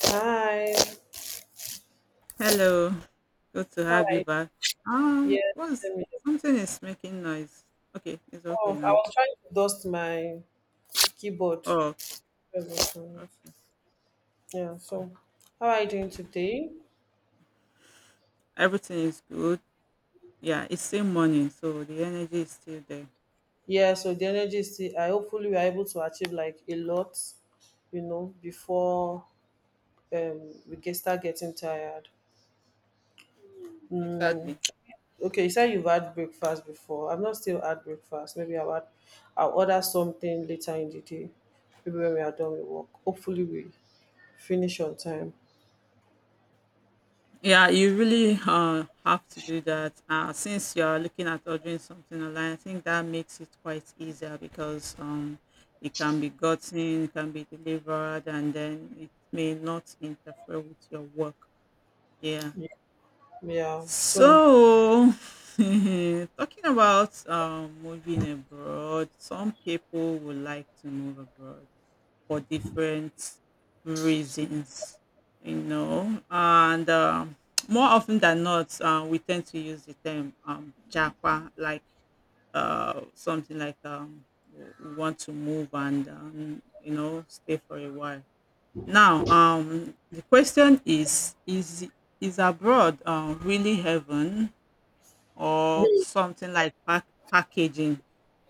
Hi. Hello, good to How are have you you? back. Um, Yes, what's same here. something is making noise? Okay, it's Oh, okay I now. was trying to dust my keyboard. Oh, okay. Yeah. So, how are you doing today? Everything is good. Yeah, it's still morning, so the energy is still there. Yeah. So the energy is still. I hopefully we're able to achieve like a lot, before we get start getting tired. Exactly. Okay, you said you've had breakfast before. I've not still had breakfast. I'll order something later in the day. Maybe when we are done with work. Hopefully we finish on time. Yeah, you really have to do that. Since you're looking at ordering something online, I think that makes it quite easier because it can be gotten, it can be delivered, and then it may not interfere with your work. Yeah. Yeah. So, So, talking about moving abroad, some people would like to move abroad for different reasons, and more often than not, we tend to use the term japa, like something like we want to move and, stay for a while. Now, the question is, is abroad really heaven? Or something like packaging.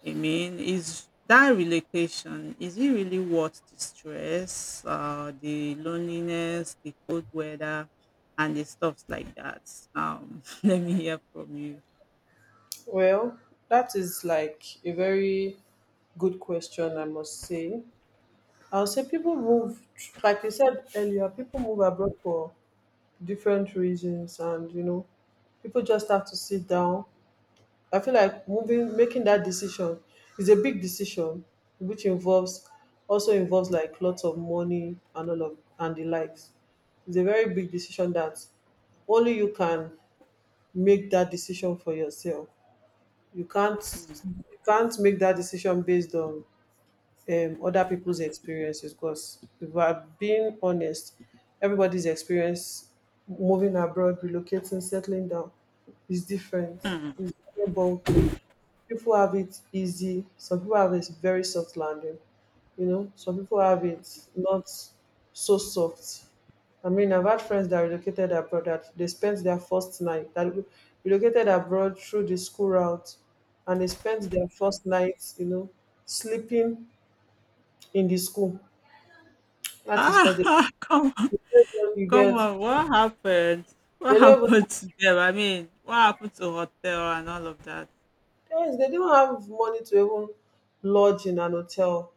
I mean, is that relocation is it really worth the stress, the loneliness, the cold weather, and the stuffs like that? Let me hear from you. well, that is like a very good question, I must say. I'll say people move, like you said earlier, people move abroad for different reasons, and you know, people just have to sit down. I feel like moving, making that decision is a big decision, which involves also involves like lots of money and all of and the likes. It's a very big decision that only you can make that decision for yourself. You can't you can't make that decision based on other people's experiences, because if we're being honest, everybody's experience moving abroad, relocating, settling down is different. It's a different ballgame. People have it easy, some people have it very soft landing, you know, some people have it not so soft. I mean, I've had friends that relocated abroad, that they spent their first night, that relocated abroad through the school route, and they spent their first night, you know, sleeping in the school. Ah, That is because they, come on, they don't even, you come get, on! What happened? What they don't even, happened to them? I mean, what happened to hotel and all of that? yes, they don't have money to even lodge in an hotel.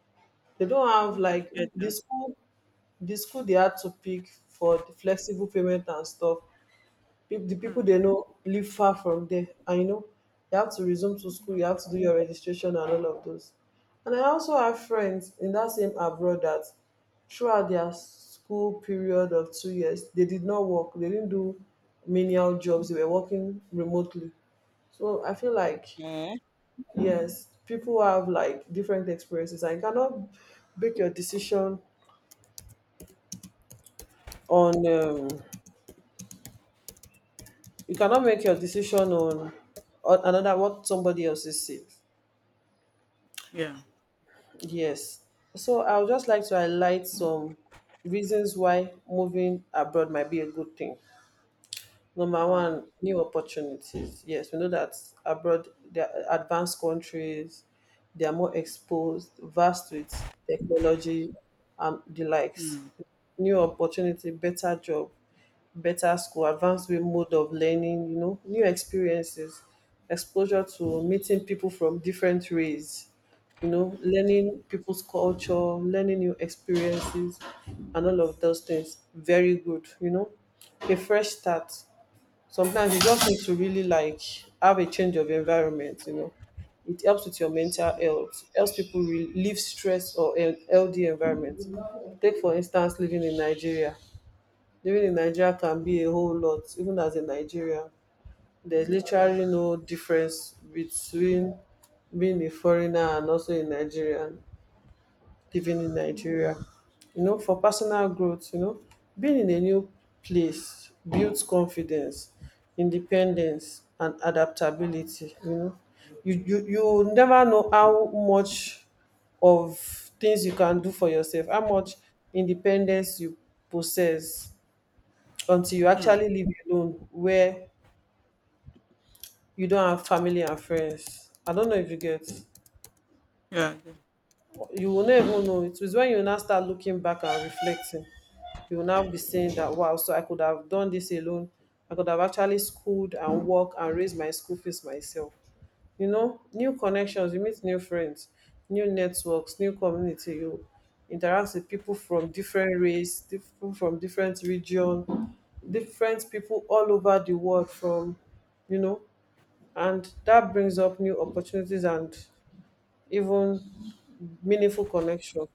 They don't have Oh, I like get the that. school The school they hard to pick for the flexible payment and stuff. The Mm. people they know live far from there, and you know, you have to resume to school, you have to do your registration and all of those. And I also have friends in that same abroad that throughout their school period of 2 years they did not work. They didn't do menial jobs, they were working remotely. So I feel like, yes, people have like different experiences, and you cannot make your decision on you cannot make your decision on, another, what somebody else is saying. Yeah. Yes. So I would just like to highlight some reasons why moving abroad might be a good thing. Number Hmm. one, new opportunities. Yes, we know that abroad, they are advanced countries, they are more exposed, vast with technology and the likes. Hmm. New opportunity, better job, better school, advanced way mode of learning, you know, new experiences, exposure to meeting people from different race, you know, learning people's culture, learning new experiences, and all of those things. Very good, you know. A fresh start. Sometimes you just need to really like have a change of environment, you know. It helps with your mental health, helps people relieve stress or an healthy environment. Take, for instance, living in Nigeria can be a whole lot, even as a Nigerian. There's literally no difference between being a foreigner and also a Nigerian living in Nigeria. You know, for personal growth, you know, being in a new place builds confidence, independence, and adaptability. You know, you never know how much of things you can do for yourself, how much independence you possess until you Hmm. actually live alone where you don't have family and friends. I don't know if you get. Yeah. Mm. Mm. Mm. You will never even know. It is when you now start looking back and reflecting, you will now be saying that wow, so I could have done this alone. I could have actually schooled and worked and raised my school fees myself. You know, new connections, you meet new friends, new networks, new community, you interact with people from different race, people from different region, different people all over the world, from, you know, and that brings up new opportunities and even meaningful connection.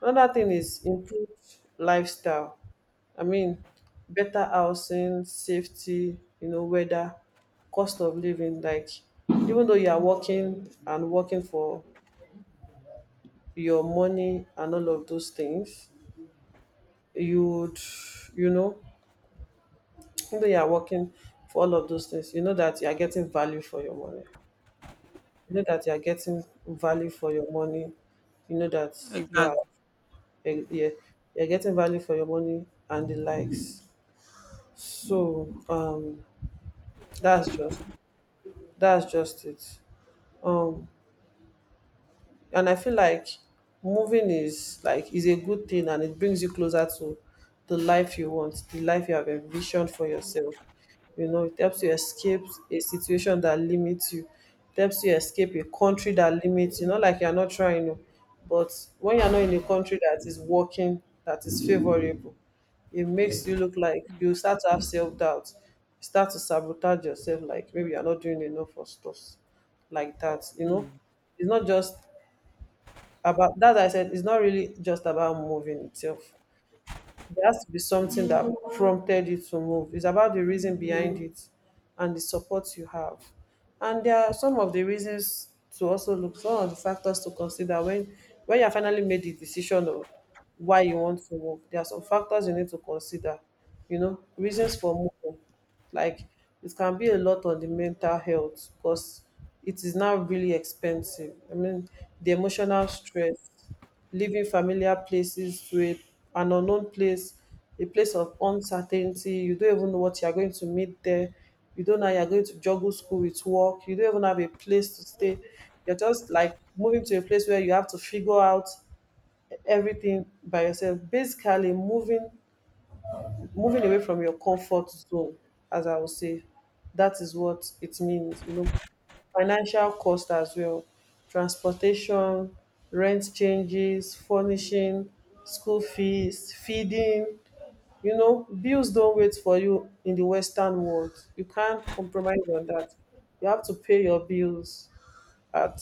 Another thing is improved lifestyle. I mean, better housing, safety, you know, weather, cost of living. Like, even though you are working and working for your money and all of those things, you'd, you know, even though you are working for all of those things, you know that you are getting value for your money. You know that you are getting value for your money. You know that Yeah. I do. you are, Exactly. Yeah, you're getting value for your money and the likes. So that's just that's just it. Um, and I feel like moving is a good thing, and it brings you closer to the life you want, the life you have envisioned for yourself. You know, it helps you escape a situation that limits you. It helps you escape a country that limits you. Not like you're not trying, oh, but when you're not in a country that is working, that is favorable, it makes you look like you start to have self doubt. You start to sabotage yourself, like maybe you're not doing enough for stuff like that. You know, Mm. it's not just about that I said, it's not really just about moving itself. There has to be something that prompted you to move. It's about the reason behind it and the support you have. And there are some of the reasons to also look, some of the factors to consider when you have finally made the decision of why you want to move. There are some factors you need to consider. You know, reasons for moving. Like, it can be a lot on the mental health, because it is now really expensive. I mean, the emotional stress, leaving familiar places to an unknown place, a place of uncertainty. You don't even know what you are going to meet there. You don't know how you're going to juggle school with work. You don't even have a place to stay. You're just like moving to a place where you have to figure out everything by yourself. Basically, moving away from your comfort zone, as I would say, that is what it means, you know, financial cost as well, transportation, rent changes, furnishing, school fees, feeding, you know, bills don't wait for you in the Western world. You can't compromise on that. You have to pay your bills at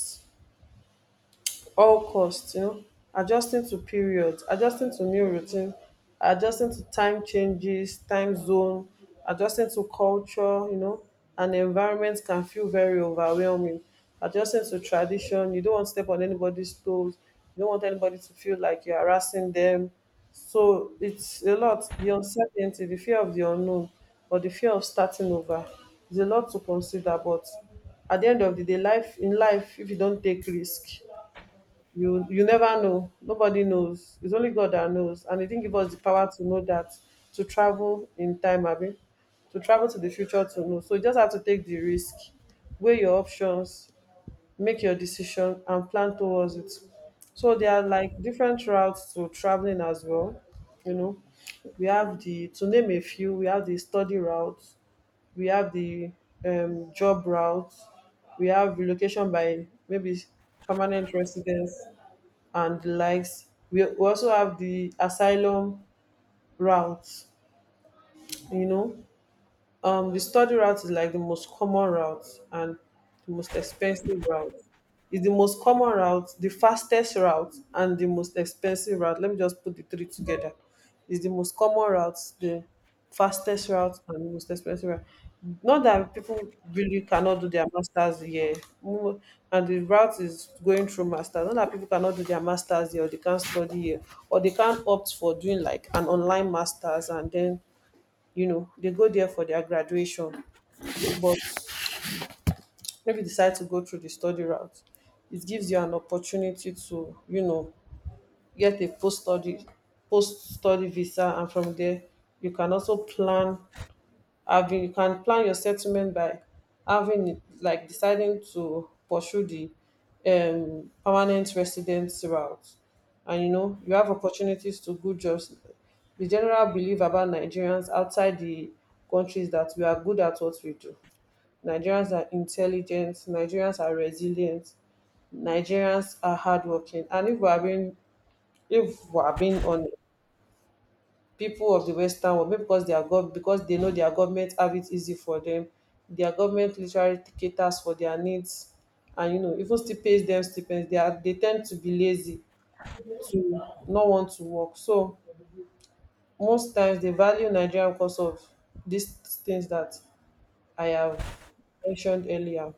all costs, you know, adjusting to periods, adjusting to new routine, adjusting to time changes, time zone, adjusting to culture, you know, and environment can feel very overwhelming. Adjusting to tradition, you don't want to step on anybody's toes, you don't want anybody to feel like you're harassing them. So it's a lot. The uncertainty, the fear of the unknown, or the fear of starting over is a lot to consider, but at the end of the day, life, in life, if you don't take risk, you never know. Nobody knows. It's only God that knows, and he didn't give us the power to know that, to travel in time, abi, to travel to the future, to know. So you just have to take the risk, weigh your options, make your decision, and plan towards it. So there are like different routes to traveling as well. You know, we have the to name a few, we have the study route, we have the job route, we have relocation by maybe permanent residence and the likes. We also have the asylum route, you know, the study route is like the most common route and the most expensive route. It's the most common route, the fastest route, and the most expensive route. Let me just put the three together. It's the most common route, the fastest route, and the most expensive route. Not that people really cannot do their masters here. Mo- and the route is going through masters. Not that people cannot do their masters here, or they can't study here, or they can't opt for doing like an online masters and then, you know, they go there for their graduation, but maybe decide to go through the study route. It gives you an opportunity to, you know, get a post study visa, and from there you can also plan having you can plan your settlement by having it, like, deciding to pursue the permanent residence route. And you know, you have opportunities to good jobs. The general belief about Nigerians outside the countries that we are good at what we do, Nigerians are intelligent, Nigerians are resilient, Nigerians are hardworking, and if we are being honest, people of the Western world, maybe because they know their government have it easy for them. Their government literally caters for their needs, and you know, even still pays them stipends. They tend to be lazy to not want to work. So most times they value Nigeria because of these things that I have mentioned earlier.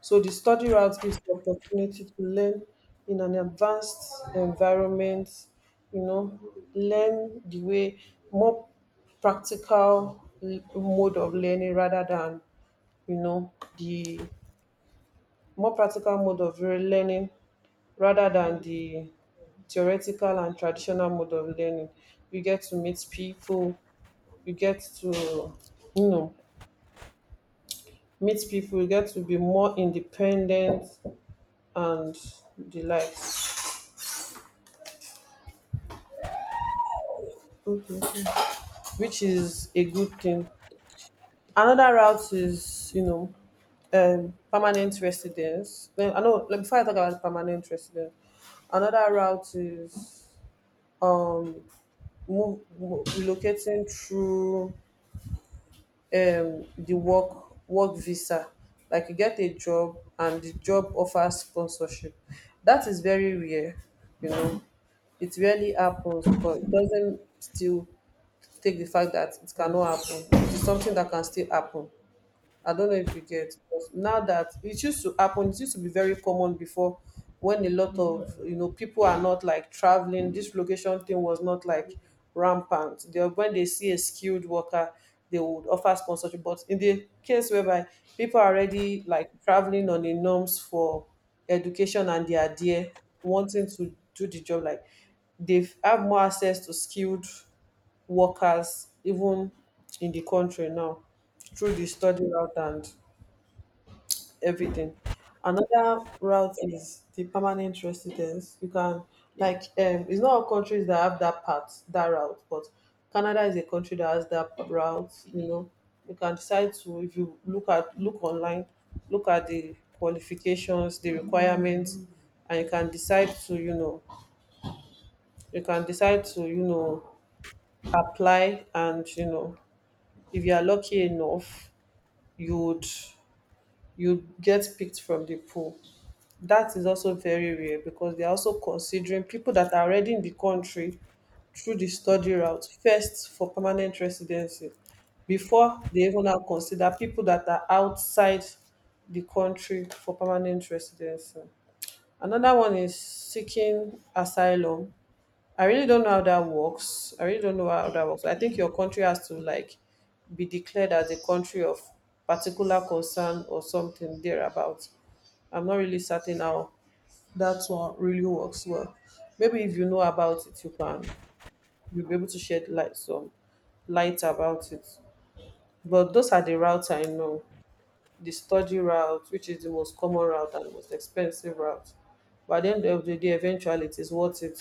So the study route gives the opportunity to learn in an advanced environment, you know, learn the way more practical mode of learning rather than, you know, the more practical mode of learning rather than the theoretical and traditional mode of learning. You get to meet people, you get to, you know, meet people, you get to be more independent and the likes. Okay. Okay. Which is a good thing. Another route is, permanent residence. No, I know. Like, before I talk about permanent residence, another route is um relocating through the work visa. Like you get a job and the job offers sponsorship. That is very rare, you know. It rarely happens, but it doesn't still take the fact that it cannot happen. It is something that can still happen. I don't know if you get because now that it used to happen, it used to be very common before when a lot of you know people are not like traveling. This location thing was not like rampant. They, when they see a skilled worker, they would offer sponsorship. But in the case whereby people are already like traveling on the norms for education and they are there wanting to do the job, like they have more access to skilled workers even in the country now through the study route and everything. Another route is the permanent residence. You can like it's not all countries that have that part, that route, but Canada is a country that has that route, you know. You can decide to if you look at look online, look at the qualifications, the requirements, and you can decide to, you can decide to, apply and you know if you are lucky enough you would you get picked from the pool. That is also very rare because they are also considering people that are already in the country through the study route first for permanent residency before they even now consider people that are outside the country for permanent residency. Another one is seeking asylum. I really don't know how that works. I really don't know how that works. I think your country has to like be declared as a country of particular concern or something thereabout. I'm not really certain how that one really works well. Maybe if you know about it, you can you'll be able to shed light some light about it. But those are the routes I know. The study route, which is the most common route and most expensive route. But at the end of the day, eventually it is worth it.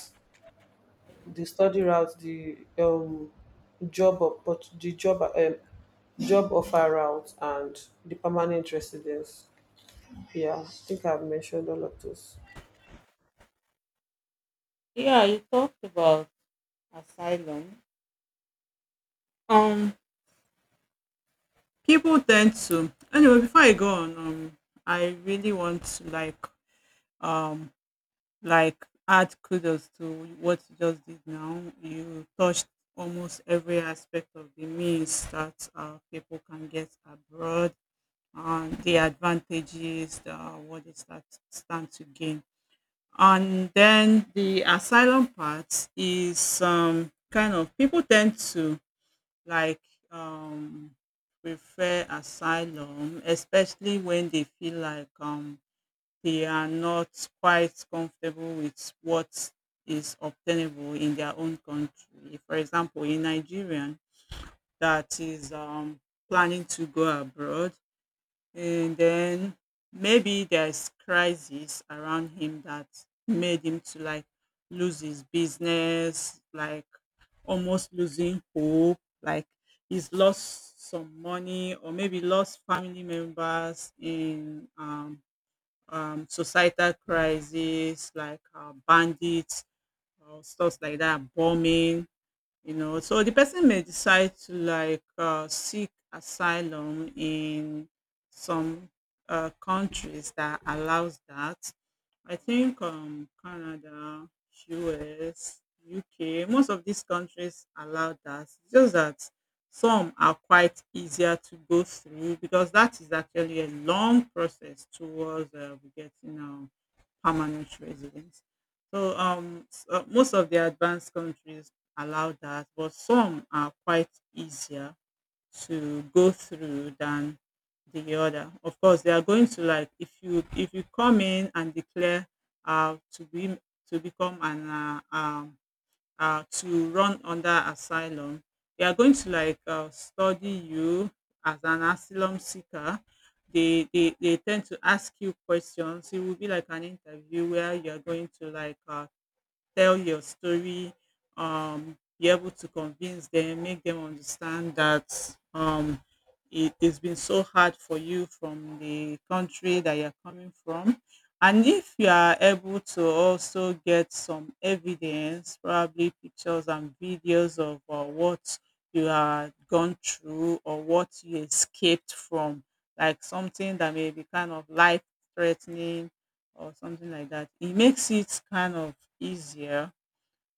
The study route, the the job job offer route, and the permanent residence. Yeah, I think I've mentioned all of those. Yeah, you talked about asylum. Um, People tend to anyway. Before I go on, I really want to um like add kudos to what you just did now. You touched almost every aspect of the means that people can get abroad and the advantages, what they stand to gain. And then the asylum part is kind of people tend to like um, prefer asylum, especially when they feel like they are not quite comfortable with what is obtainable in their own country. For example, a Nigerian that is planning to go abroad, and then maybe there's crisis around him that made him to like lose his business, like almost losing hope, like he's lost some money or maybe lost family members in societal crisis like bandits or stuff like that, bombing. You know, so the person may decide to like seek asylum in some countries that allows that. I think Canada, US, UK, most of these countries allow that. It's just that some are quite easier to go through because that is actually a long process towards getting permanent residents. So, most of the advanced countries allow that, but some are quite easier to go through than the other. Of course, they are going to like, if you come in and declare, uh, to be to become an to run under asylum. They are going to like study you as an asylum seeker. They tend to ask you questions. It will be like an interview where you are going to like tell your story, be able to convince them, make them understand that it has been so hard for you from the country that you're coming from. And if you are able to also get some evidence, probably pictures and videos of what you had gone through or what you escaped from, like something that may be kind of life threatening or something like that. It makes it kind of easier,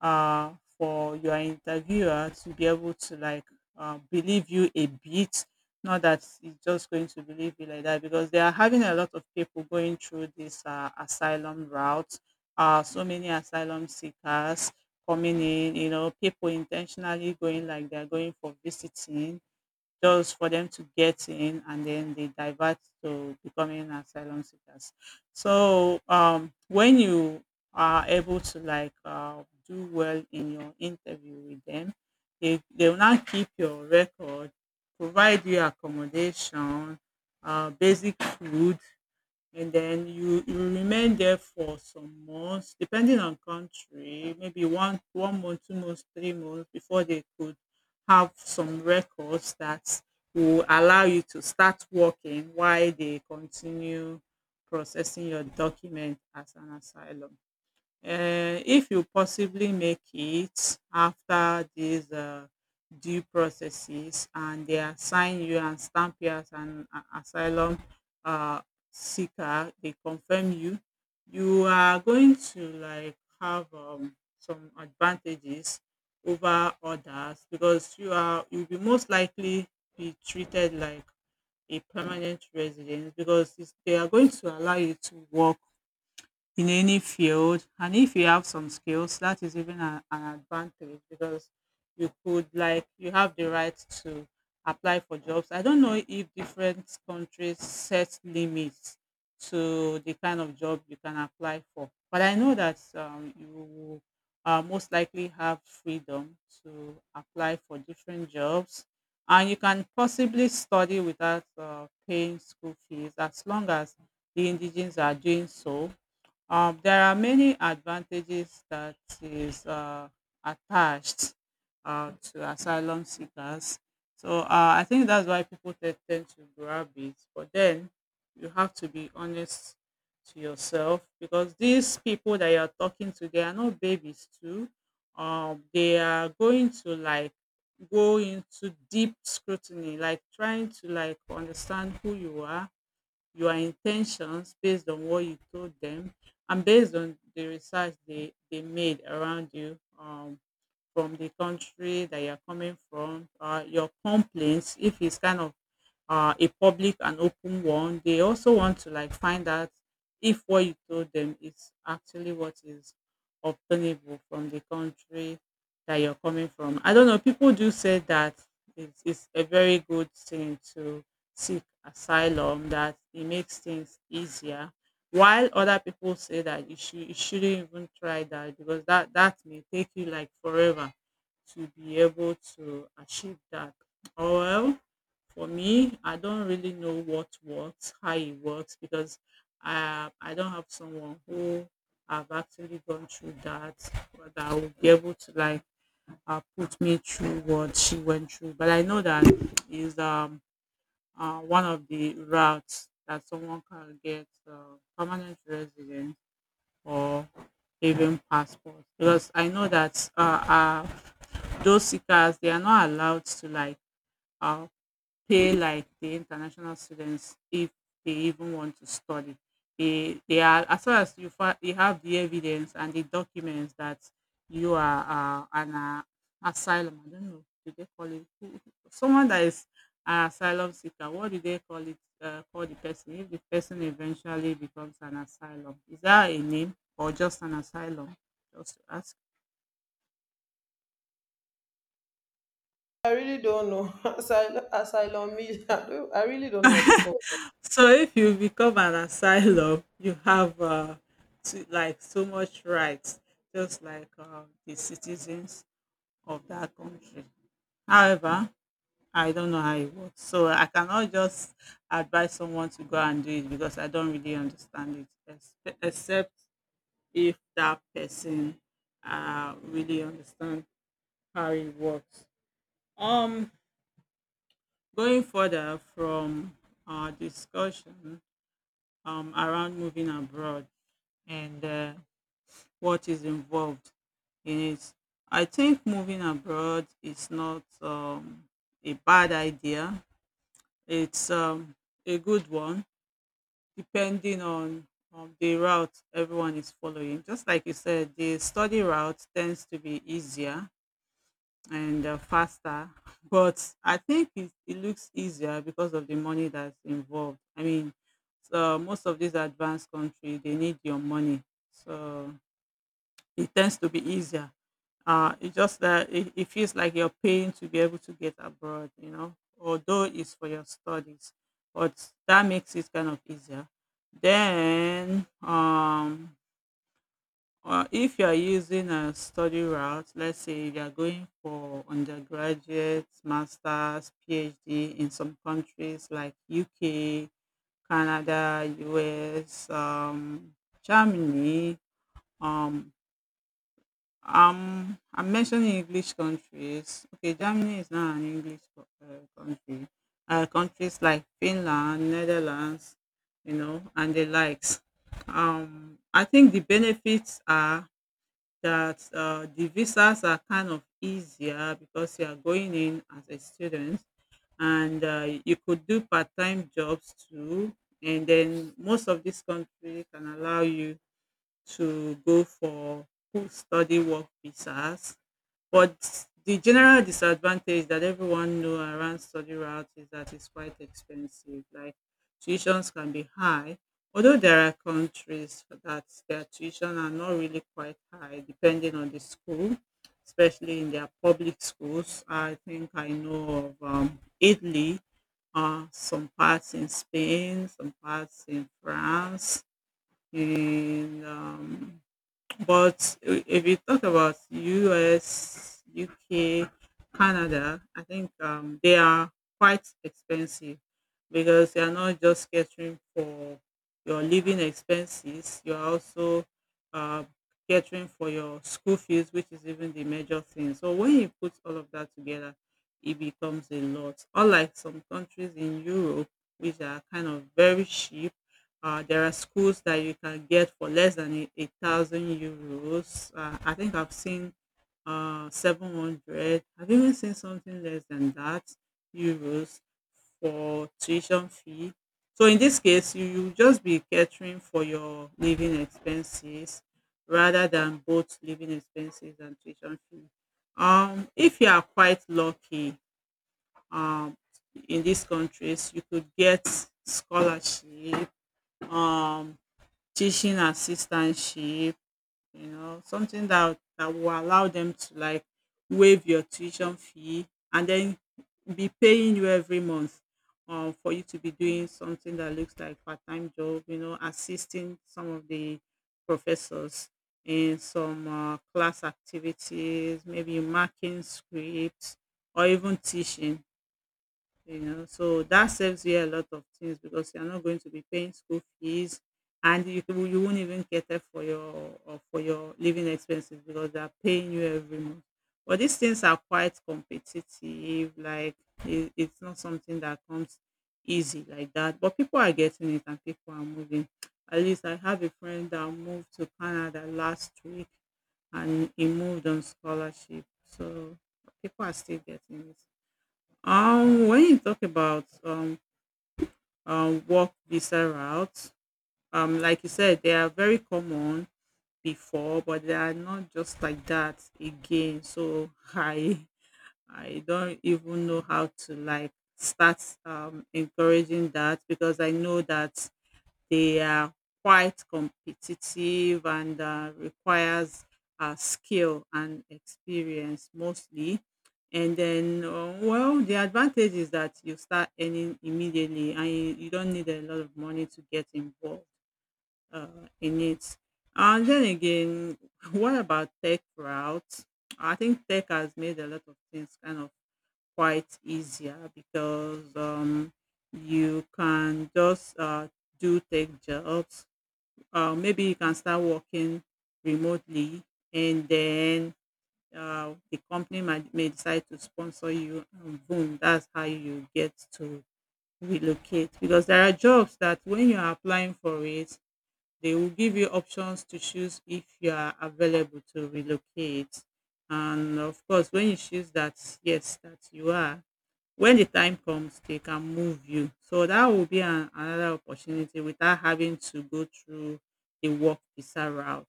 uh, for your interviewer to be able to like believe you a bit. Not that he's just going to believe you like that, because they are having a lot of people going through this asylum route. So many asylum seekers coming in, people intentionally going like they're going for visiting just for them to get in, and then they divert to becoming asylum seekers. So, when you are able to do well in your interview with them, they will now keep your record, provide you accommodation, basic food, and then you remain there for some months, depending on country, maybe one month, 2 months, 3 months before they could have some records that will allow you to start working while they continue processing your document as an asylum. um if you possibly make it after these due processes, and they assign you and stamp you as an asylum seeker, they confirm you, you are going to like have some advantages over others, because you'll be most likely be treated like a permanent resident, because they are going to allow you to work in any field. And if you have some skills, that is even an advantage, because you could like you have the right to apply for jobs. I don't know if different countries set limits to the kind of job you can apply for, but I know that you will most likely have freedom to apply for different jobs. And you can possibly study without paying school fees as long as the indigenous are doing so. There are many advantages that is attached to asylum seekers. So, I think that's why people tend to grab it. But then you have to be honest to yourself, because these people that you're talking to, they are not babies too. They are going to like go into deep scrutiny, like trying to like understand who you are, your intentions, based on what you told them, and based on the research they made around you, from the country that you're coming from. Your complaints, if it's kind of a public and open one, they also want to like find out if what you told them is actually what is obtainable from the country that you're coming from. I don't know, people do say that it's a very good thing to seek asylum, that it makes things easier, while other people say that you shouldn't even try that, because that may take you like forever to be able to achieve that. Oh well, for me, I don't really know what works, how it works, because I don't have someone who have actually gone through that, or that will be able to like put me through what she went through. But I know that is one of the routes that someone can get permanent residence, for even passport, because I know that those seekers, they are not allowed to like uh, pay like the international students if they even want to study. They are, as far as you you have the evidence and the documents that you are an asylum. I don't know. Do they call it, someone that is an asylum seeker? What do they call it? Call the person, if the person eventually becomes an asylum. Is that a name or just an asylum? Just to ask. I really don't know. Asylum, asylum me. I really don't know what they call it. So if you become an asylum, you have, like, so much rights, just like the citizens of that country. However, I don't know how it works, so I cannot just advise someone to go and do it because I don't really understand it, except if that person really understand how it works. Um, going further from our discussion, around moving abroad. And what is involved in it. I think moving abroad is not a bad idea. It's a good one, depending on the route everyone is following. Just like you said, the study route tends to be easier and faster, but I think it looks easier because of the money that's involved. I mean, so most of these advanced countries, they need your money, so it tends to be easier. It's just that it feels like you're paying to be able to get abroad, although it's for your studies, but that makes it kind of easier. Then, if you're using a study route, let's say if you're going for undergraduate, master's, PhD in some countries like UK, Canada, US, Germany, um, I'm mentioning English countries. Okay, Germany is not an English country. Countries like Finland, Netherlands, and the likes. I think the benefits are that the visas are kind of easier because you are going in as a student, and you could do part time jobs too. And then most of this country can allow you to go for full study work visas, but the general disadvantage that everyone know around study route is that it's quite expensive. Like, tuitions can be high, although there are countries that their tuition are not really quite high, depending on the school, especially in their public schools. I think I know of Italy, some parts in Spain, some parts in France, in but if you talk about US, UK, Canada, I think they are quite expensive because you are not just catering for your living expenses, you are also uh, catering for your school fees, which is even the major thing. So when you put all of that together, it becomes a lot. Unlike some countries in Europe, which are kind of very cheap. There are schools that you can get for less than a thousand euros. I think I've seen 700. I've even seen something less than that, euros, for tuition fee. So in this case, you just be catering for your living expenses rather than both living expenses and tuition fee. If you are quite lucky, um, in these countries, you could get scholarship. Um, Teaching assistantship, you know, something that will allow them to like waive your tuition fee and then be paying you every month, for you to be doing something that looks like part-time job, you know, assisting some of the professors in some class activities, maybe marking scripts or even teaching, you know, so that saves you a lot of things because you're not going to be paying school fees and you won't even cater for your or for your living expenses because they're paying you every month. But these things are quite competitive, like it's not something that comes easy like that, but people are getting it and people are moving. At least I have a friend that moved to Canada last week and he moved on scholarship, so people are still getting it. When you talk about work visa routes, like you said, they are very common before, but they are not just like that again. So I don't even know how to like start encouraging that, because I know that they are quite competitive and requires skill and experience mostly. And then, well, the advantage is that you start earning immediately and you don't need a lot of money to get involved in it. And then again, what about tech routes? I think tech has made a lot of things kind of quite easier because you can just do tech jobs. Maybe you can start working remotely, and then the company may decide to sponsor you, and boom, that's how you get to relocate. Because there are jobs that when you are applying for it, they will give you options to choose if you are available to relocate, and of course when you choose that yes that you are, when the time comes, they can move you. So that will be another opportunity without having to go through the work visa route.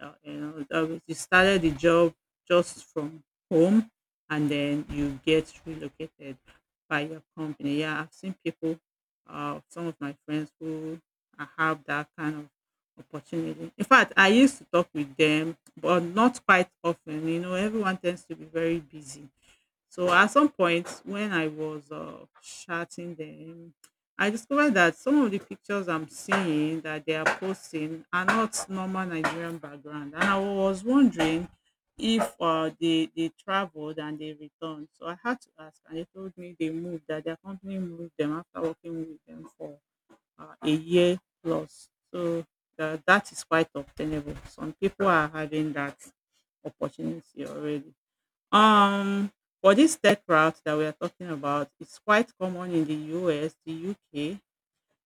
You know, you started the job just from home, and then you get relocated by your company. Yeah, I've seen people, some of my friends who have that kind of opportunity. In fact, I used to talk with them, but not quite often. You know, everyone tends to be very busy, so at some point when I was chatting them, I discovered that some of the pictures I'm seeing that they are posting are not normal Nigerian background, and I was wondering if they traveled and they returned. So I had to ask, and they told me they moved, that their company moved them after working with them for a year plus. So that is quite obtainable. Some people are having that opportunity already. Um, for this tech route that we are talking about, it's quite common in the US, the UK,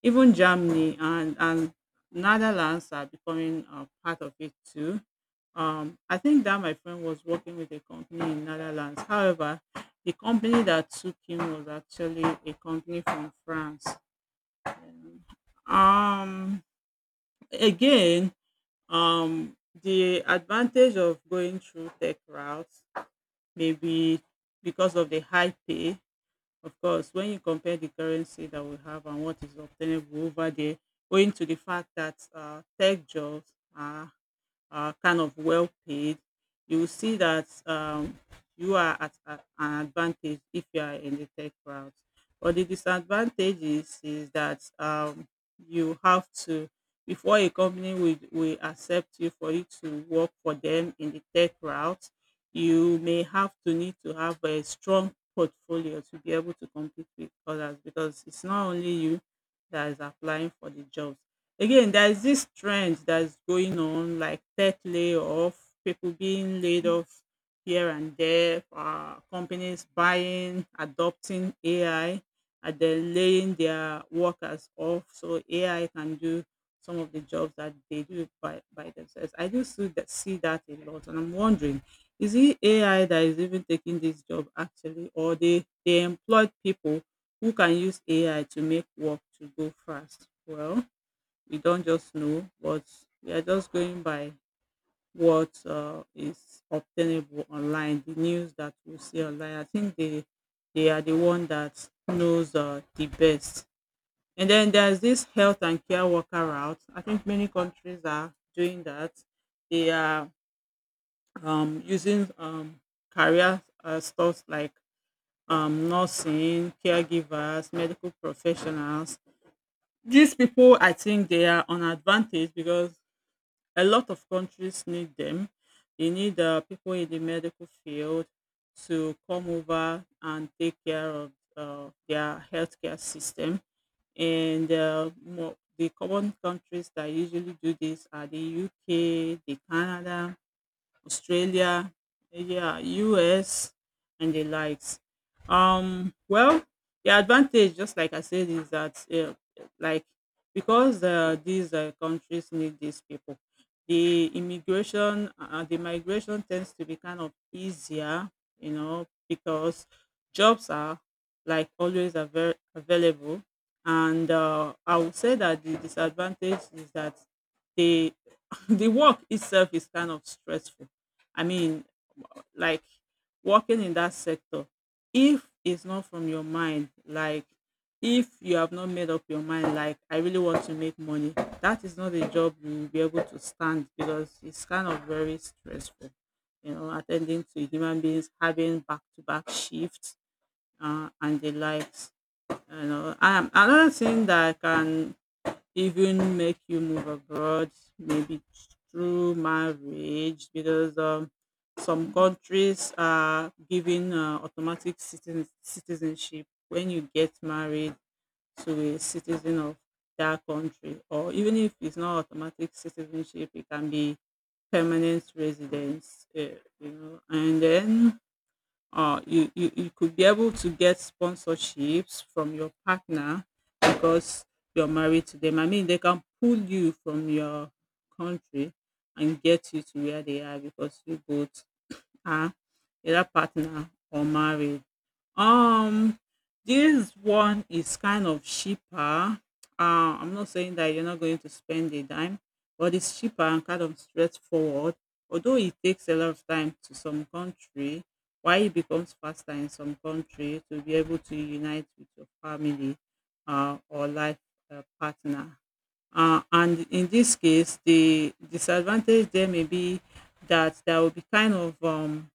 even Germany, and Netherlands are becoming part of it too. I think that my friend was working with a company in Netherlands. However, the company that took him was actually a company from France. Um, again, um, the advantage of going through tech routes maybe because of the high pay. Of course, when you compare the currency that we have and what is obtainable over there, owing to the fact that tech jobs are kind of well paid, you will see that you are at an advantage if you are in the tech route. But the disadvantage is that you have to, before a company will accept you for you to work for them in the tech route, you may have to need to have a strong portfolio to be able to compete with others, because it's not only you that is applying for the job. Again, there is this trend that's going on, like tech layoff, people being laid off here and there, companies buying, adopting AI, and then laying their workers off. So AI can do some of the jobs that they do by themselves. I do see see that a lot, and I'm wondering, is it AI that is even taking this job actually, or they employed people who can use AI to make work to go fast? Well, we don't just know, but we are just going by what is obtainable online, the news that we see online. I think they are the one that knows the best. And then there's this health and care worker route. I think many countries are doing that. They are using career stuff like nursing, caregivers, medical professionals. These people, I think, they are on advantage because a lot of countries need them. They need people in the medical field to come over and take care of their healthcare system. And the common countries that usually do this are the UK, the Canada, Australia, yeah, US and the likes. Well, the advantage, just like I said, is that like because these countries need these people, the immigration, the migration tends to be kind of easier, you know, because jobs are like always available, and I would say that the disadvantage is that the the work itself is kind of stressful. I mean, like working in that sector, if it's not from your mind, like if you have not made up your mind, like I really want to make money, that is not a job you will be able to stand because it's kind of very stressful. You know, attending to human beings, having back to back shifts and the likes. You know, another thing that I can even make you move abroad, maybe through marriage, because some countries are giving automatic citizenship when you get married to a citizen of that country, or even if it's not automatic citizenship, it can be permanent residence, you know, and then you could be able to get sponsorships from your partner because you're married to them. I mean, they can pull you from your country and get you to where they are because you both, her, either partner or married. Um, this one is kind of cheaper. I'm not saying that you're not going to spend a dime, but it's cheaper and kind of straightforward. Although it takes a lot of time to some country, why it becomes faster in some country to be able to unite with your family or life partner. And in this case, the disadvantage there may be that there will be kind of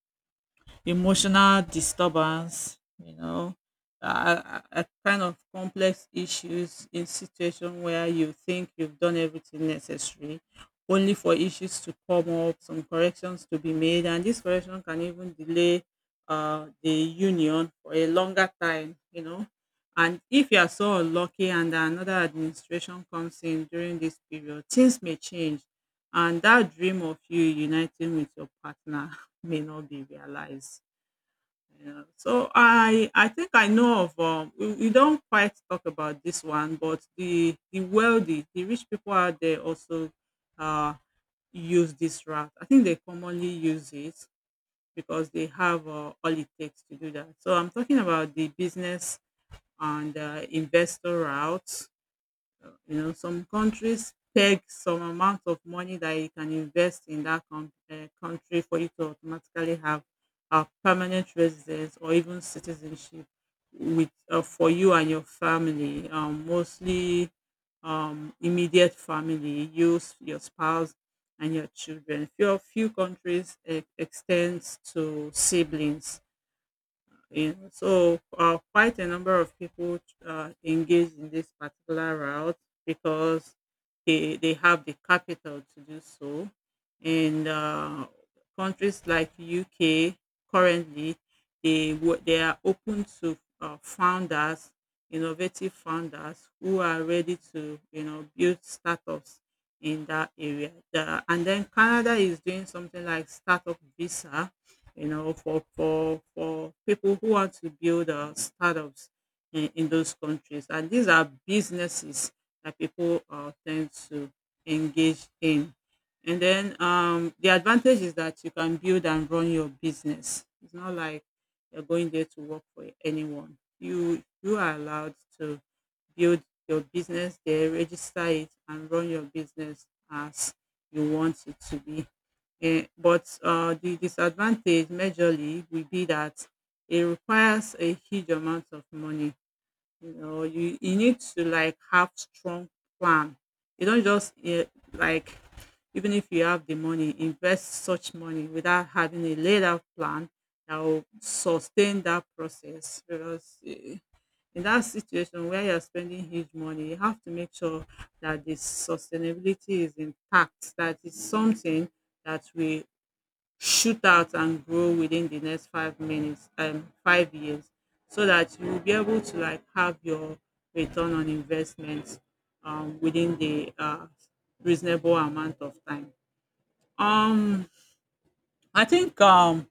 emotional disturbance, you know, a kind of complex issues in situation where you think you've done everything necessary, only for issues to come up, some corrections to be made, and this correction can even delay the union for a longer time, you know. And if you are so unlucky and another administration comes in during this period, things may change and that dream of you uniting with your partner may not be realized. Yeah. So I think I know of we don't quite talk about this one, but the wealthy, the rich people out there also uh use this route. I think they commonly use it because they have all it takes to do that. So I'm talking about the business and investor route, you know. Some countries peg some amount of money that you can invest in that country for you to automatically have a permanent residence or even citizenship with, for you and your family. Mostly immediate family, you, your spouse, and your children. Few countries extends to siblings in, so quite a number of people engaged in this particular route because they have the capital to do so. And countries like UK currently, they are open to founders, innovative founders who are ready to, build startups in that area. And then Canada is doing something like startup visa, you know, for, for people who want to build startups in those countries. And these are businesses that people tend to engage in. And then the advantage is that you can build and run your business. It's not like you're going there to work for anyone. You are allowed to build your business there, register it, and run your business as you want it to be. But the disadvantage majorly will be that it requires a huge amount of money. You know, you need to like have strong plan. You don't just like even if you have the money, invest such money without having a laid out plan that will sustain that process. Because in that situation where you're spending huge money, you have to make sure that the sustainability is intact, that it's something that will shoot out and grow within the next 5 years, so that you will be able to like have your return on investment within the reasonable amount of time. um i think um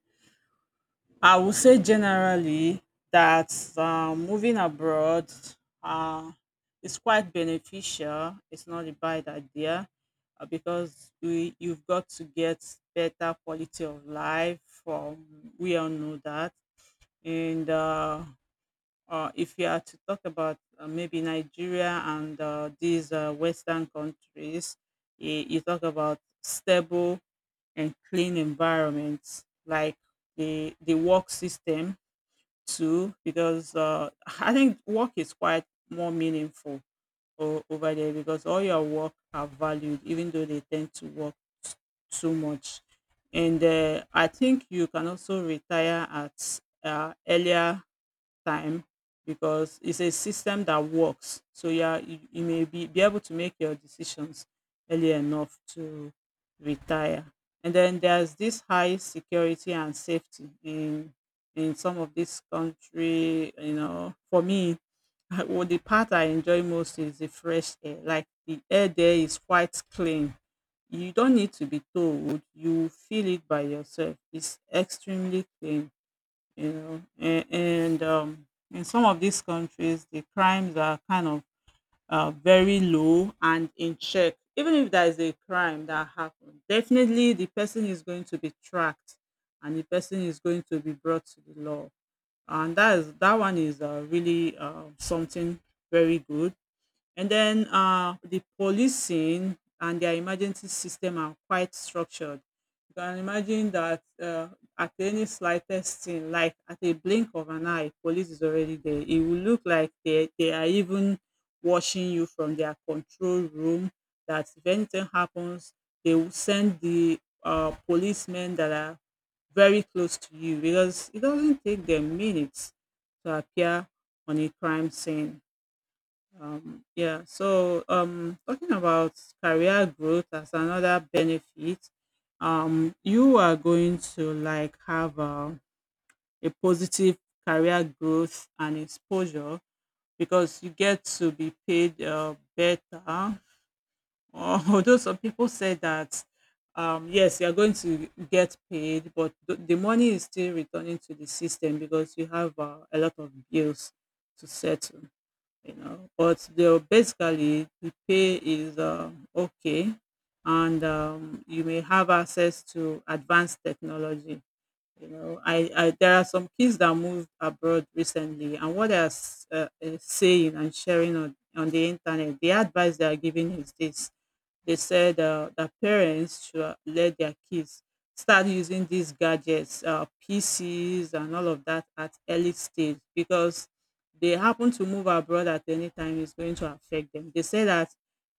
I would say generally that moving abroad uh, is quite beneficial. It's not a bad idea because you've got to get better quality of life. From, we all know that, and if you are to talk about maybe Nigeria and these Western countries, you talk about stable and clean environments, like the work system too, because I think work is quite more meaningful over there, because all your work are valued, even though they tend to work t- too much. And I think you can also retire at earlier time, because it's a system that works. So yeah, you may be able to make your decisions early enough to retire. And then there's this high security and safety in some of this country. You know, for me, well, the part I enjoy most is the fresh air. Like the air there is quite clean. You don't need to be told. You feel it by yourself. It's extremely clean, you know. And in some of these countries, the crimes are kind of very low and in check. Even if there is a crime that happened, definitely the person is going to be tracked and the person is going to be brought to the law, and that one is really something very good. And then the policing and their emergency system are quite structured. You can imagine that, at any slightest thing, like at a blink of an eye, police is already there. It will look like they are even watching you from their control room, that if anything happens, they will send the policemen that are very close to you, because it doesn't take them minutes to appear on a crime scene. Yeah, so talking about career growth as another benefit, you are going to like have a positive career growth and exposure, because you get to be paid better. Although some people say that, yes, you are going to get paid, but the money is still returning to the system because you have a lot of bills to settle, you know. But they'll basically, the pay is okay. And you may have access to advanced technology. You know, I, there are some kids that moved abroad recently, and what they're saying and sharing on the internet, the advice they are giving is this: they said that parents should let their kids start using these gadgets, PCs, and all of that at early stage, because they happen to move abroad at any time is going to affect them. They say that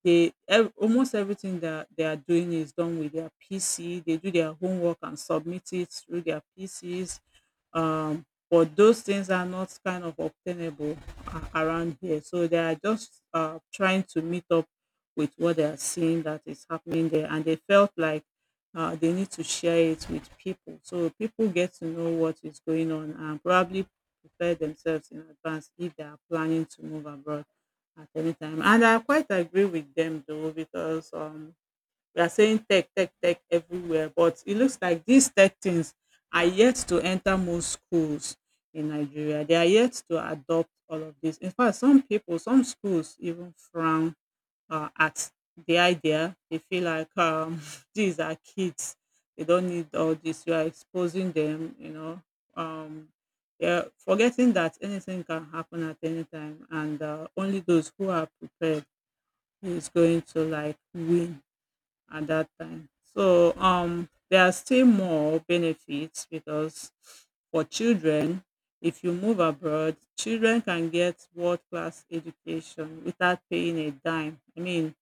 almost everything that they are doing is done with their PC. They do their homework and submit it through their PCs. But those things are not kind of obtainable around here. So they are just trying to meet up with what they are seeing that is happening there, and they felt like they need to share it with people so people get to know what is going on and probably prepare themselves in advance if they are planning to move abroad at any time. And I quite agree with them though, because we are saying tech tech tech everywhere, but it looks like these tech things are yet to enter most schools in Nigeria. They are yet to adopt all of this. In fact, some people, some schools even frown at the idea. They feel like, these are kids; they don't need all this. You are exposing them, you know. Um, they're forgetting that anything can happen at any time, and only those who are prepared is going to like win at that time. So there are still more benefits, because for children, if you move abroad, children can get world class education without paying a dime. I mean,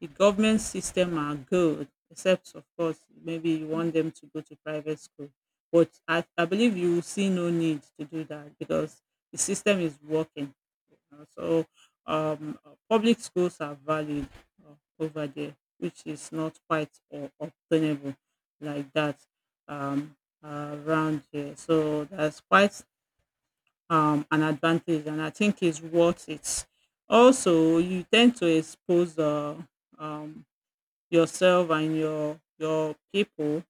the government system are good, except of course maybe you want them to go to private school. But I believe you will see no need to do that, because the system is working, you know. So public schools are valued over there, which is not quite obtainable like that um, around here. So that's quite an advantage, and I think it's worth it. Also, you tend to expose um, yourself and your people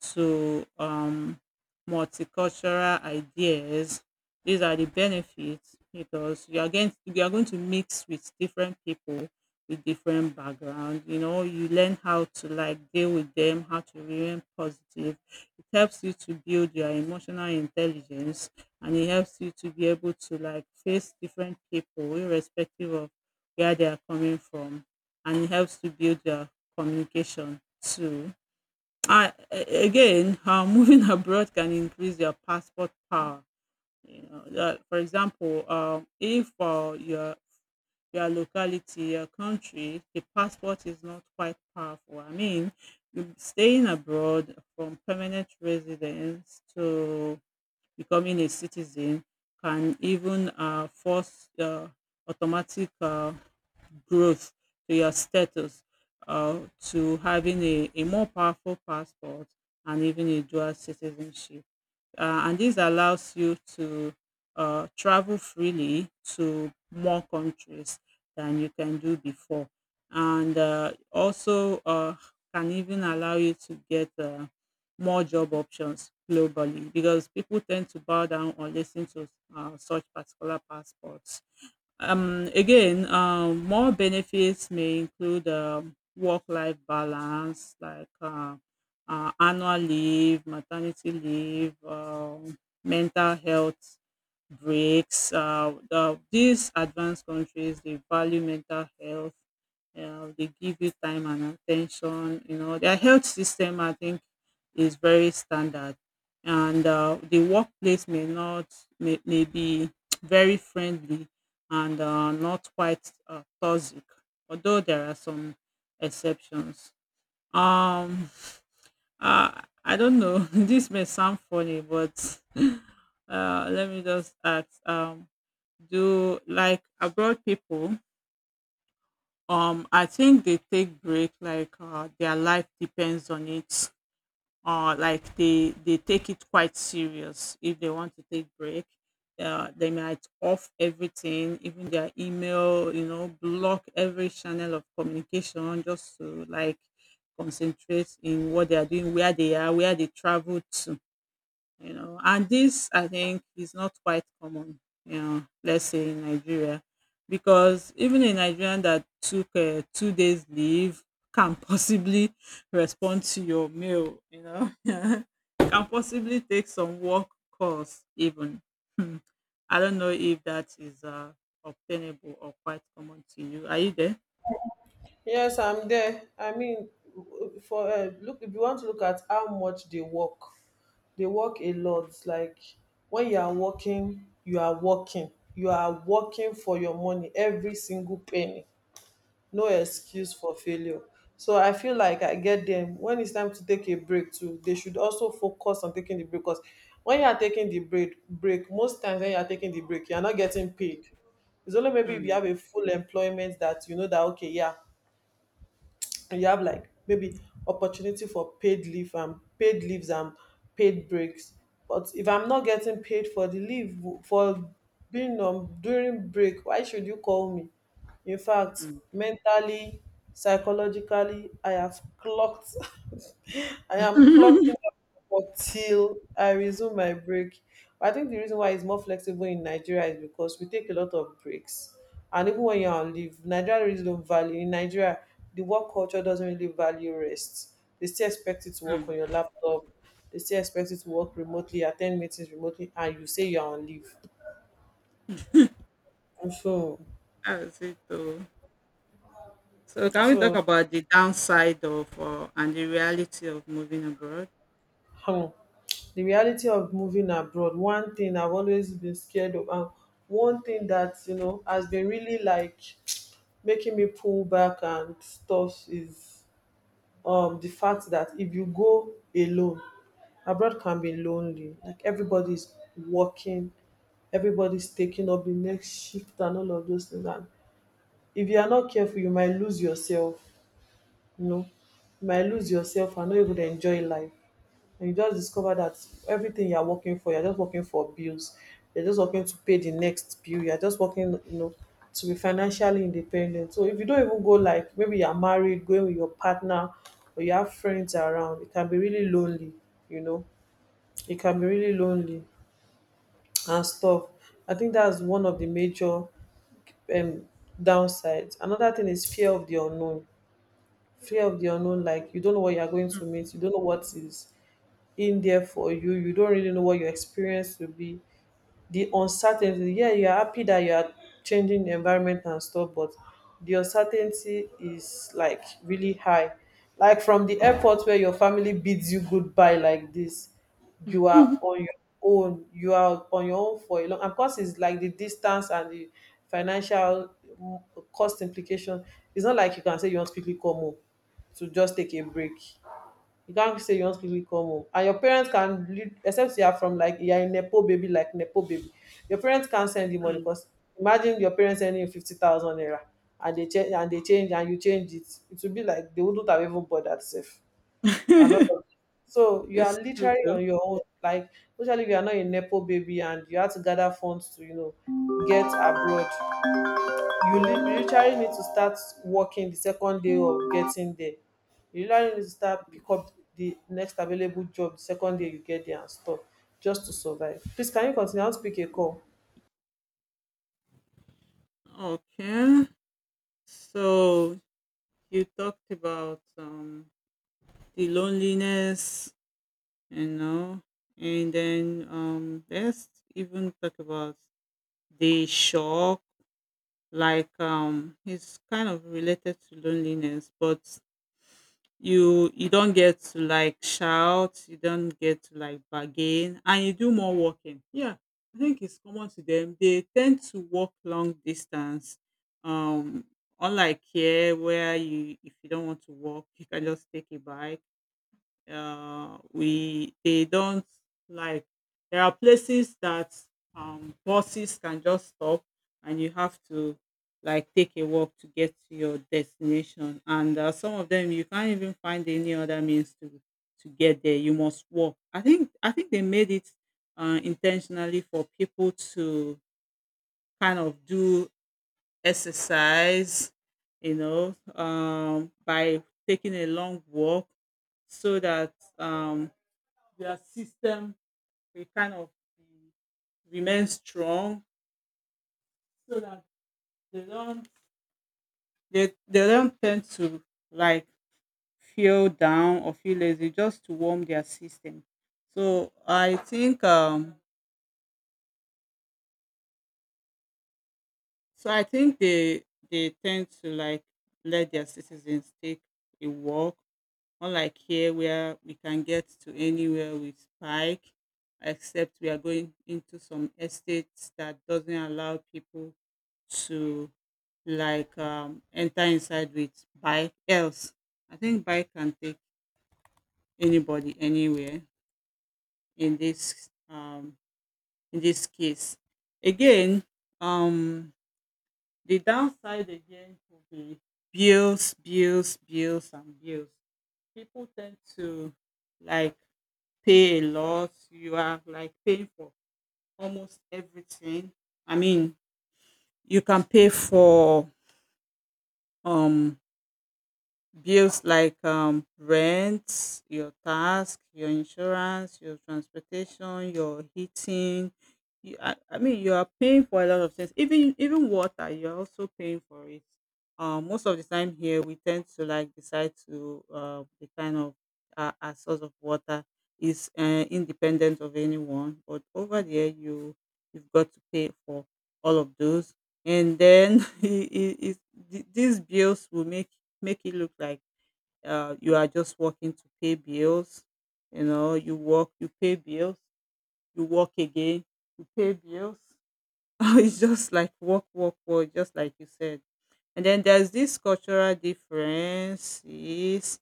to multicultural ideas. These are the benefits, because you are going to mix with different people with different background. You know, you learn how to like deal with them, how to remain positive. It helps you to build your emotional intelligence, and it helps you to be able to like face different people irrespective of where they are coming from, and it helps to build your communication too. And again, moving abroad can increase your passport power. You know, for example, if your your locality, your country, the passport is not quite powerful. I mean, staying abroad from permanent residence to becoming a citizen can even force automatic growth to your status, to having a more powerful passport, and even a dual citizenship. And this allows you to travel freely to more countries than you can do before. And also can even allow you to get more job options globally, because people tend to bow down or listen to such particular passports. Again, more benefits may include work-life balance, like annual leave, maternity leave, mental health breaks. These advanced countries, they value mental health. They give you time and attention. You know, their health system, I think, is very standard. And the workplace may not, may be very friendly and not quite toxic, although there are some exceptions. Um, I don't know. This may sound funny, but let me just ask. Do like abroad people, I think they take break like their life depends on it. They take it quite serious if they want to take break. They might off everything, even their email, you know, block every channel of communication just to like concentrate in what they are doing, where they are, where they travel to, you know. And this I think is not quite common, you know. Let's say in Nigeria, because even a Nigerian that took 2 days leave can possibly respond to your mail, you know, can possibly take some work calls even. Hmm. I don't know if that is obtainable or quite common to you. Are you there? Yes, I'm there. I mean, for look, if you want to look at how much they work a lot. Like when you are working, you are working. You are working for your money every single penny. No excuse for failure. So I feel like I get them when it's time to take a break too. They should also focus on taking the break because when you are taking the break, most times when you are taking the break, you are not getting paid. It's only maybe if you mm, have a full employment that you know that okay, yeah, and you have like maybe opportunity for paid leave and paid leaves and paid breaks. But if I'm not getting paid for the leave, for being on during break, why should you call me? In fact, mm, mentally, psychologically, I have clocked. I am clocking up for till I resume my break. I think the reason why it's more flexible in Nigeria is because we take a lot of breaks, and even when you're on leave, Nigeria really don't value in Nigeria, the work culture doesn't really value rest. They still expect you to work on your mm. laptop, they still expect you to work remotely, attend meetings remotely, and you say you're on leave. So That's it though. So can we talk so about the downside of and the reality of moving abroad? um, the reality of moving abroad, one thing I've always been scared of and one thing that, you know, has been really like making me pull back and stuff is the fact that if you go alone, abroad can be lonely. Like everybody's working, everybody's taking up the next shift and all of those things. And if you are not careful, you might lose yourself, you know, you might lose yourself and not even enjoy life. And you just discover that everything you're working for, you're just working for bills. You're just working to pay the next bill. You're just working, you know, to be financially independent. So if you don't even go like maybe you're married, going with your partner, or you have friends around, it can be really lonely, you know. It can be really lonely and stuff. I think that's one of the major um downsides. Another thing is fear of the unknown, like you don't know what you're going to meet, you don't know what is in there for you, you don't really know what your experience will be, the uncertainty. Yeah, you are happy that you are changing the environment and stuff, but the uncertainty is like really high. Like from the airport where your family bids you goodbye like this, you are Mm. on your you are on your own for a long, of course it's like the distance and the financial mm, cost implication. It's not like you can say you want to quickly come home to just take a break. You can't say you want to quickly come home. And your parents can, except you are from like, you are a Nepo baby, like Nepo baby, your parents can't send you money because imagine your parents sending you 50,000 naira and they change and you change it. It would be like they wouldn't have even bothered, safe. Another. So you are It's true literally though. on your own. Like, especially if you are not a Nepo baby and you have to gather funds to, you know, get abroad, you literally need to start working the second day of getting there. You literally need to start pick up the next available job the second day you get there and stuff, just to survive. Please can you continue, I want to pick a call. Okay. So you talked about the loneliness, you know. And then let's even talk about the shock. Like it's kind of related to loneliness, but you don't get to like shout, you don't get to like bargain, and you do more walking. Yeah, I think it's common to them, they tend to walk long distance. um Unlike here where you, if you don't want to walk you can just take a bike. We they don't, like, there are places that buses can just stop and you have to like take a walk to get to your destination. And some of them you can't even find any other means to get there, you must walk. I think they made it intentionally for people to kind of do exercise, you know, by taking a long walk, so that um, their system will kind of be- remain strong, so that they don't, they don't tend to like feel down or feel lazy, just to warm their system. So I think so I think they tend to like let their citizens take a walk, unlike here where we can get to anywhere with bike, except we are going into some estates that doesn't allow people to like enter inside with bike. Else, I think bike can take anybody anywhere. In this in this case, again, um, the downside again will be bills, bills, bills, and bills. People tend to like pay a lot, you are like paying for almost everything. I mean, you can pay for um bills like rent, your tax, your insurance, your transportation, your heating. You, I mean, you are paying for a lot of things. Even water, you're also paying for it. Most of the time here, we tend to like decide to the kind of our source of water is independent of anyone. But over there, you've got to pay for all of those. And then it, it, these bills will make it look like you are just working to pay bills. You know, you work, you pay bills, you work again, you pay bills. It's just like work, work, work, just like you said. And then there's this cultural differences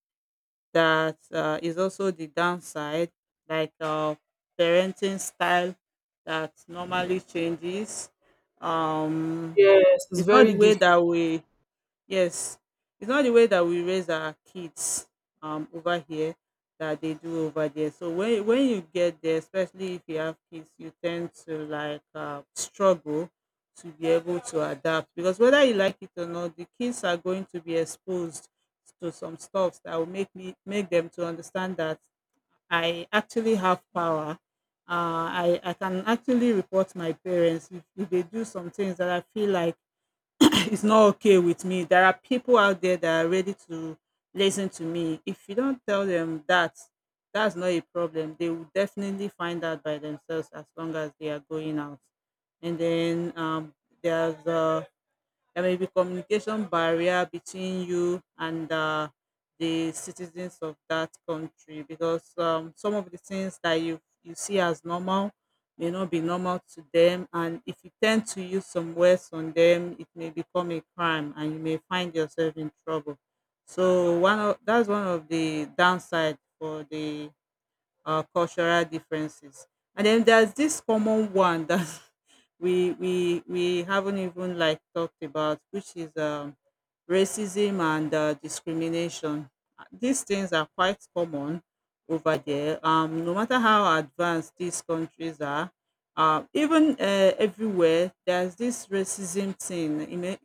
that is also the downside, like parenting style that normally changes. Um, Yes, it's it's not very the way difficult. that we, yes, it's not the way that we raise our kids over here that they do over there. So when you get there, especially if you have kids, you tend to like struggle to be able to adapt, because whether you like it or not, the kids are going to be exposed to some stuff that will make them to understand that I actually have power. I can actually report my parents if they do some things that I feel like it's not okay with me. There are people out there that are ready to listen to me. If you don't tell them that, that's not a problem. They will definitely find out by themselves as long as they are going out. And then there's there may be communication barrier between you and the citizens of that country, because some of the things that you see as normal may not be normal to them, and if you tend to use some words on them it may become a crime and you may find yourself in trouble. So one of that's one of the downside for the cultural differences. And then there's this common one that we haven't even like talked about, which is racism and discrimination. These things are quite common over there, no matter how advanced these countries are. Even Everywhere there's this racism thing. You may-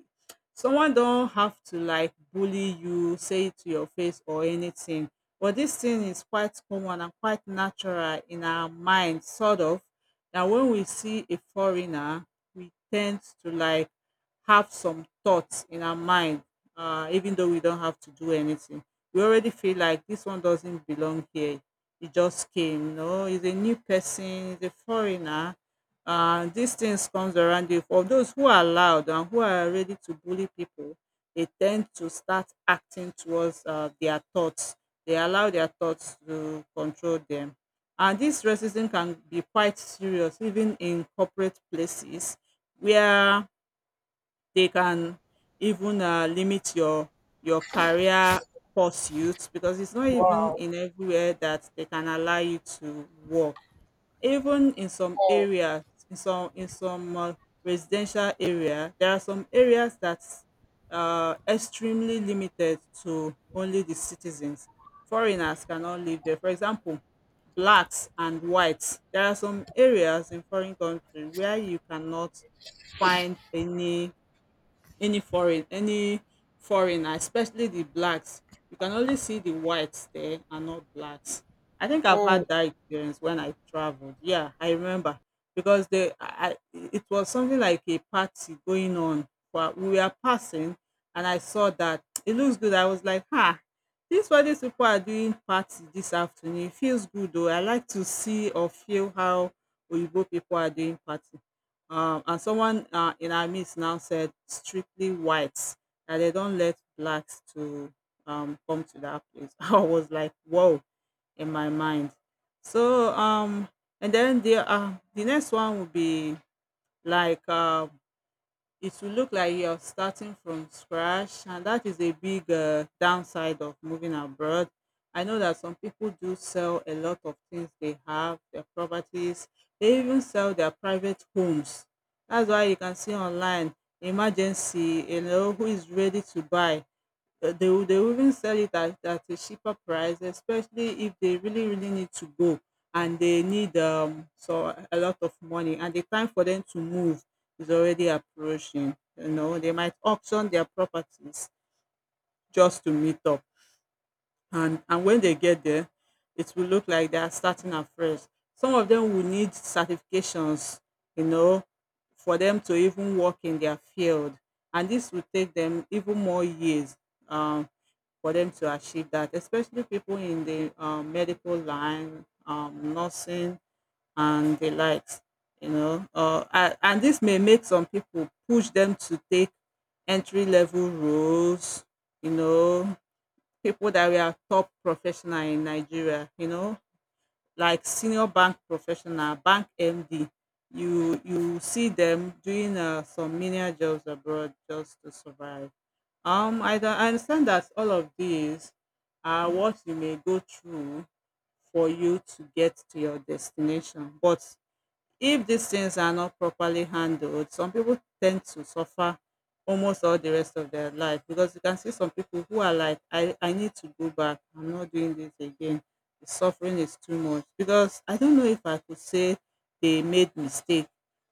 someone don't have to like bully you, say it to your face or anything, but this thing is quite common and quite natural in our mind, sort of, that when we see a foreigner, we tend to like have some thoughts in our mind, even though we don't have to do anything. We already feel like this one doesn't belong here. He just came, you know, he's a new person, he's a foreigner. These things comes around you. For those who are loud and who are ready to bully people, they tend to start acting towards their thoughts. They allow their thoughts to control them, and this racism can be quite serious, even in corporate places where they can even limit your career pursuits, because it's not even Wow. in everywhere that they can allow you to work. Even in some Mm. areas, in some residential area, there are some areas that extremely limited to only the citizens. Foreigners cannot live there, for example. Blacks and whites, there are some areas in foreign country where you cannot find any foreign any foreigner, especially the blacks. You can only see the whites there and not blacks. I think I've Mm. had that experience when I traveled, yeah, I remember. Because they it was something like a party going on, but we were passing and I saw that it looks good. I was like, ha, this is what these people are doing, party this afternoon, it feels good though. I like to see or feel how oyibo people are doing party. Um, and someone in our midst now said strictly whites, that they don't let blacks to come to that place. I was like, whoa, in my mind. So and then the next one would be like it will look like you're starting from scratch, and that is a big downside of moving abroad. I know that some people do sell a lot of things they have, their properties, they even sell their private homes. That's why you can see online, emergency, you know, who is ready to buy. Uh, they will even sell it at a cheaper price, especially if they really need to go and they need so a lot of money and the time for them to move is already approaching. You know, they might auction their properties just to meet up. And when they get there, it will look like they are starting afresh. Some of them will need certifications, you know, for them to even work in their field, and this will take them even more years um, for them to achieve that, especially people in the medical line, nursing, and the likes. You know, and this may make some people push them to take entry level roles. You know, people that were top professional in Nigeria. You know, like senior bank professional, bank MD. You see them doing some menial jobs abroad just to survive. I, I understand that all of these are what you may go through for you to get to your destination, but if these things are not properly handled, some people tend to suffer almost all the rest of their life, because you can see some people who are like, I need to go back. I'm not doing this again. The suffering is too much. Because I don't know if I could say they made mistake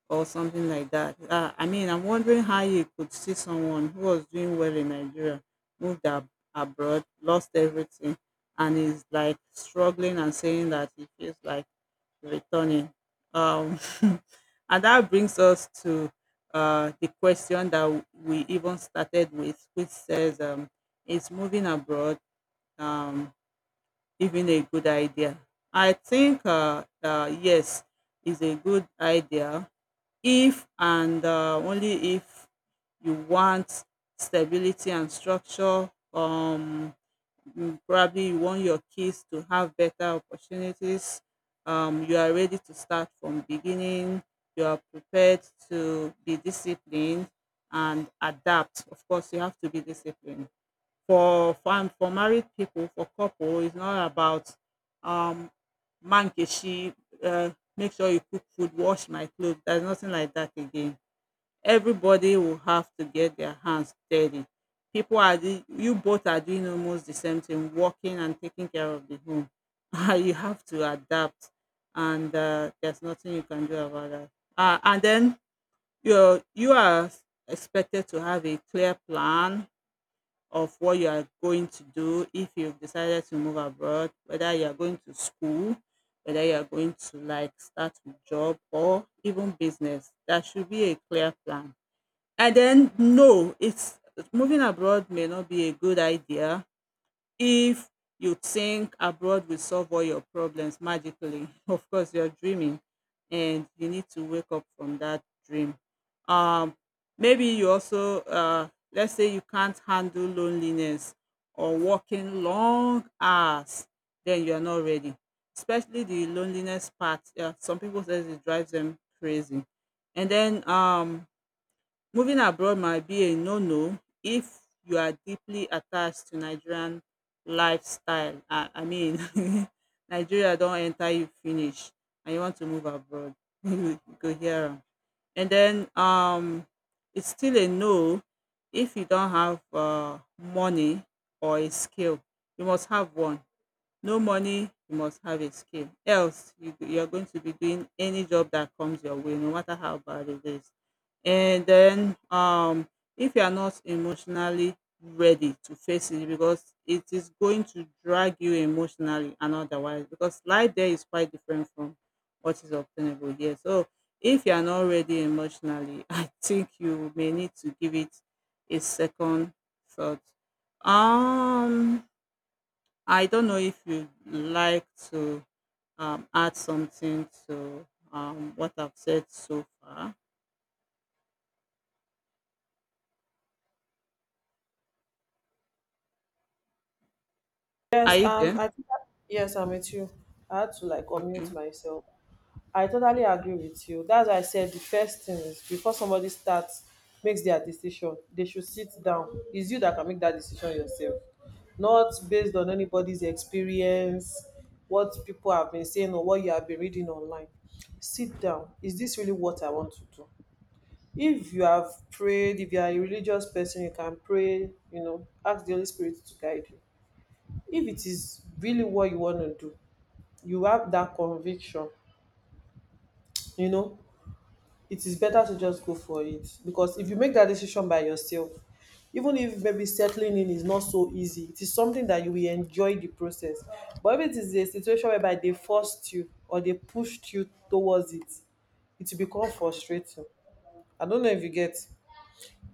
or something like that. I mean, I'm wondering how you could see someone who was doing well in Nigeria, moved abroad, lost everything, and is like struggling and saying that he feels like returning. Um, and that brings us to the question that we even started with, which says, "Is moving abroad um, even a good idea?" I think yes, is a good idea if and only if you want stability and structure. Probably you want your kids to have better opportunities. You are ready to start from beginning. You are prepared to be disciplined and adapt. Of course, you have to be disciplined. For married people, for couple, it's not about um mankeshi. Uh, make sure you cook food, wash my clothes. There's nothing like that again, everybody will have to get their hands dirty. People are doing, you both are doing almost the same thing, working and taking care of the home. Ah, you have to adapt, and there's nothing you can do about that. And then you are expected to have a clear plan of what you are going to do if you've decided to move abroad, whether you are going to school, whether you are going to like start a job or even business. There should be a clear plan. And then no, it's moving abroad may not be a good idea if you think abroad will solve all your problems magically. Of course, you're dreaming and you need to wake up from that dream. Um, maybe you also, let's say you can't handle loneliness or working long hours, then you're not ready. Especially the loneliness part. Yeah, some people says it drives them crazy. And then moving abroad might be a no-no if you are deeply attached to Nigerian lifestyle. I mean, Nigeria don't enter you finish and you want to move abroad. You go hear. And then it's still a no if you don't have money or a skill. You must have one. No money, you must have a skill. Else, you are going to be doing any job that comes your way, no matter how bad it is. And then, if you are not emotionally ready to face it, because it is going to drag you emotionally and otherwise, because life there is quite different from what is obtainable here. So, if you are not ready emotionally, I think you may need to give it a second thought. Um, I don't know if you'd like to add something to what I've said so far. Are Yes, you there? I think. Yes, I'm with you. I had to like Okay. unmute myself. I totally agree with you. That's why I said the first thing is before somebody starts makes their decision, they should sit down. It's you that can make that decision yourself, not based on anybody's experience, what people have been saying or what you have been reading online. Sit down. Is this really what I want to do? If you have prayed, if you are a religious person, you can pray. You know, ask the Holy Spirit to guide you. If it is really what you want to do, you have that conviction. You know, it is better to just go for it, because if you make that decision by yourself, even if maybe settling in is not so easy, it is something that you will enjoy the process. But if it is a situation whereby they forced you or they pushed you towards it, it will become frustrating. I don't know if you get,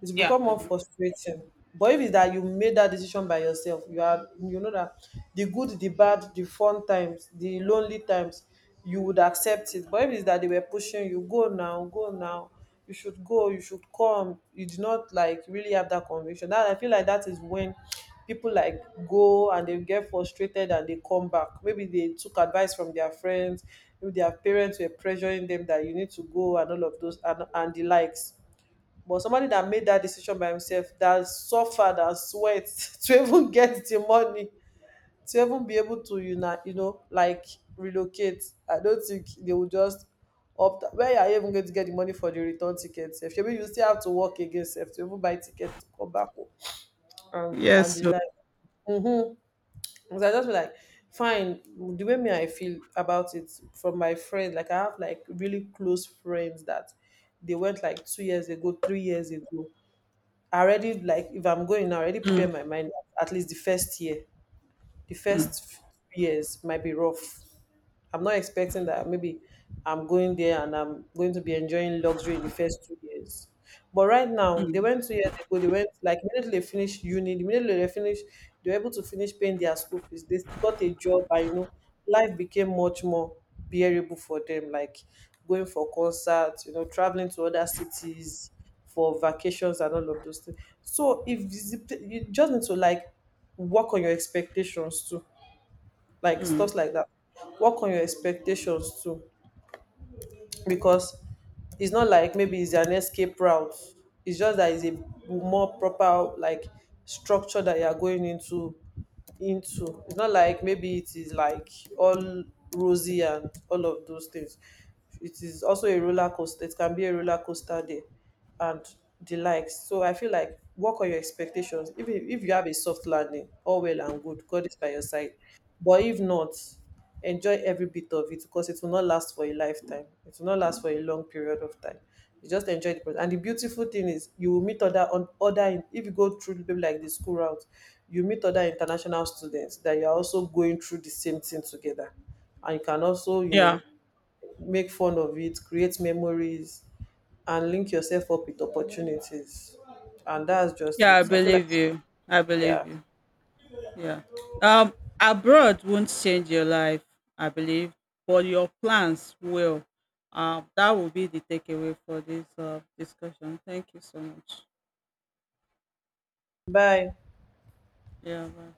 it's Yeah, become I more do. frustrating. But if it's that you made that decision by yourself, you are you know that the good, the bad, the fun times, the lonely times, you would accept it. But if it's that they were pushing you, go now, go now, you should go, you should come. You did not like really have that conviction. That I feel like that is when people like go and they get frustrated and they come back. Maybe they took advice from their friends, maybe their parents were pressuring them that you need to go and all of those and the likes. But somebody that made that decision by himself, that suffered and sweat to even get the money, to even be able to, you know like relocate, I don't think they will just opt. Where are you even going to get the money for the return ticket? If you still have to work again, sef, to even buy ticket to come back home, and Yes. the So like. Mm-hmm. Because I just be like, fine. The way me I feel about it from my friend, like I have like really close friends that they went like 2 years ago, 3 years ago. I already like if I'm going, now, I already prepare Mm, my mind. At least the first year, the mm, first few years might be rough. I'm not expecting that maybe I'm going there and I'm going to be enjoying luxury in the first 2 years. But right now, they mm, went 2 years ago, they went like immediately they finished uni, immediately they finished, they were able to finish paying their school fees. They got a job and you know, life became much more bearable for them, like going for concerts, you know, traveling to other cities for vacations and all of those things. So if you you just need to like work on your expectations too, like mm. stuff like that. Work on your expectations too, because it's not like maybe it's an escape route. It's just that it's a more proper like structure that you are going into. It's not like maybe it is like all rosy and all of those things. It is also a roller coaster. It can be a roller coaster day and the likes. So I feel like work on your expectations. Even if you have a soft landing, all well and good. God is by your side. But if not, enjoy every bit of it because it will not last for a lifetime. It will not last for a long period of time. You just enjoy the process. And the beautiful thing is you will meet other on other if you go through maybe like the school route, you meet other international students that you are also going through the same thing together. And you can also, you Yeah, know, make fun of it, create memories and link yourself up with opportunities. And that's just yeah, I it. I feel like believe you. I believe yeah. you. Yeah. Um, abroad won't change your life, I believe, but your plans will. That will be the takeaway for this discussion. Thank you so much. Bye. Yeah, bye.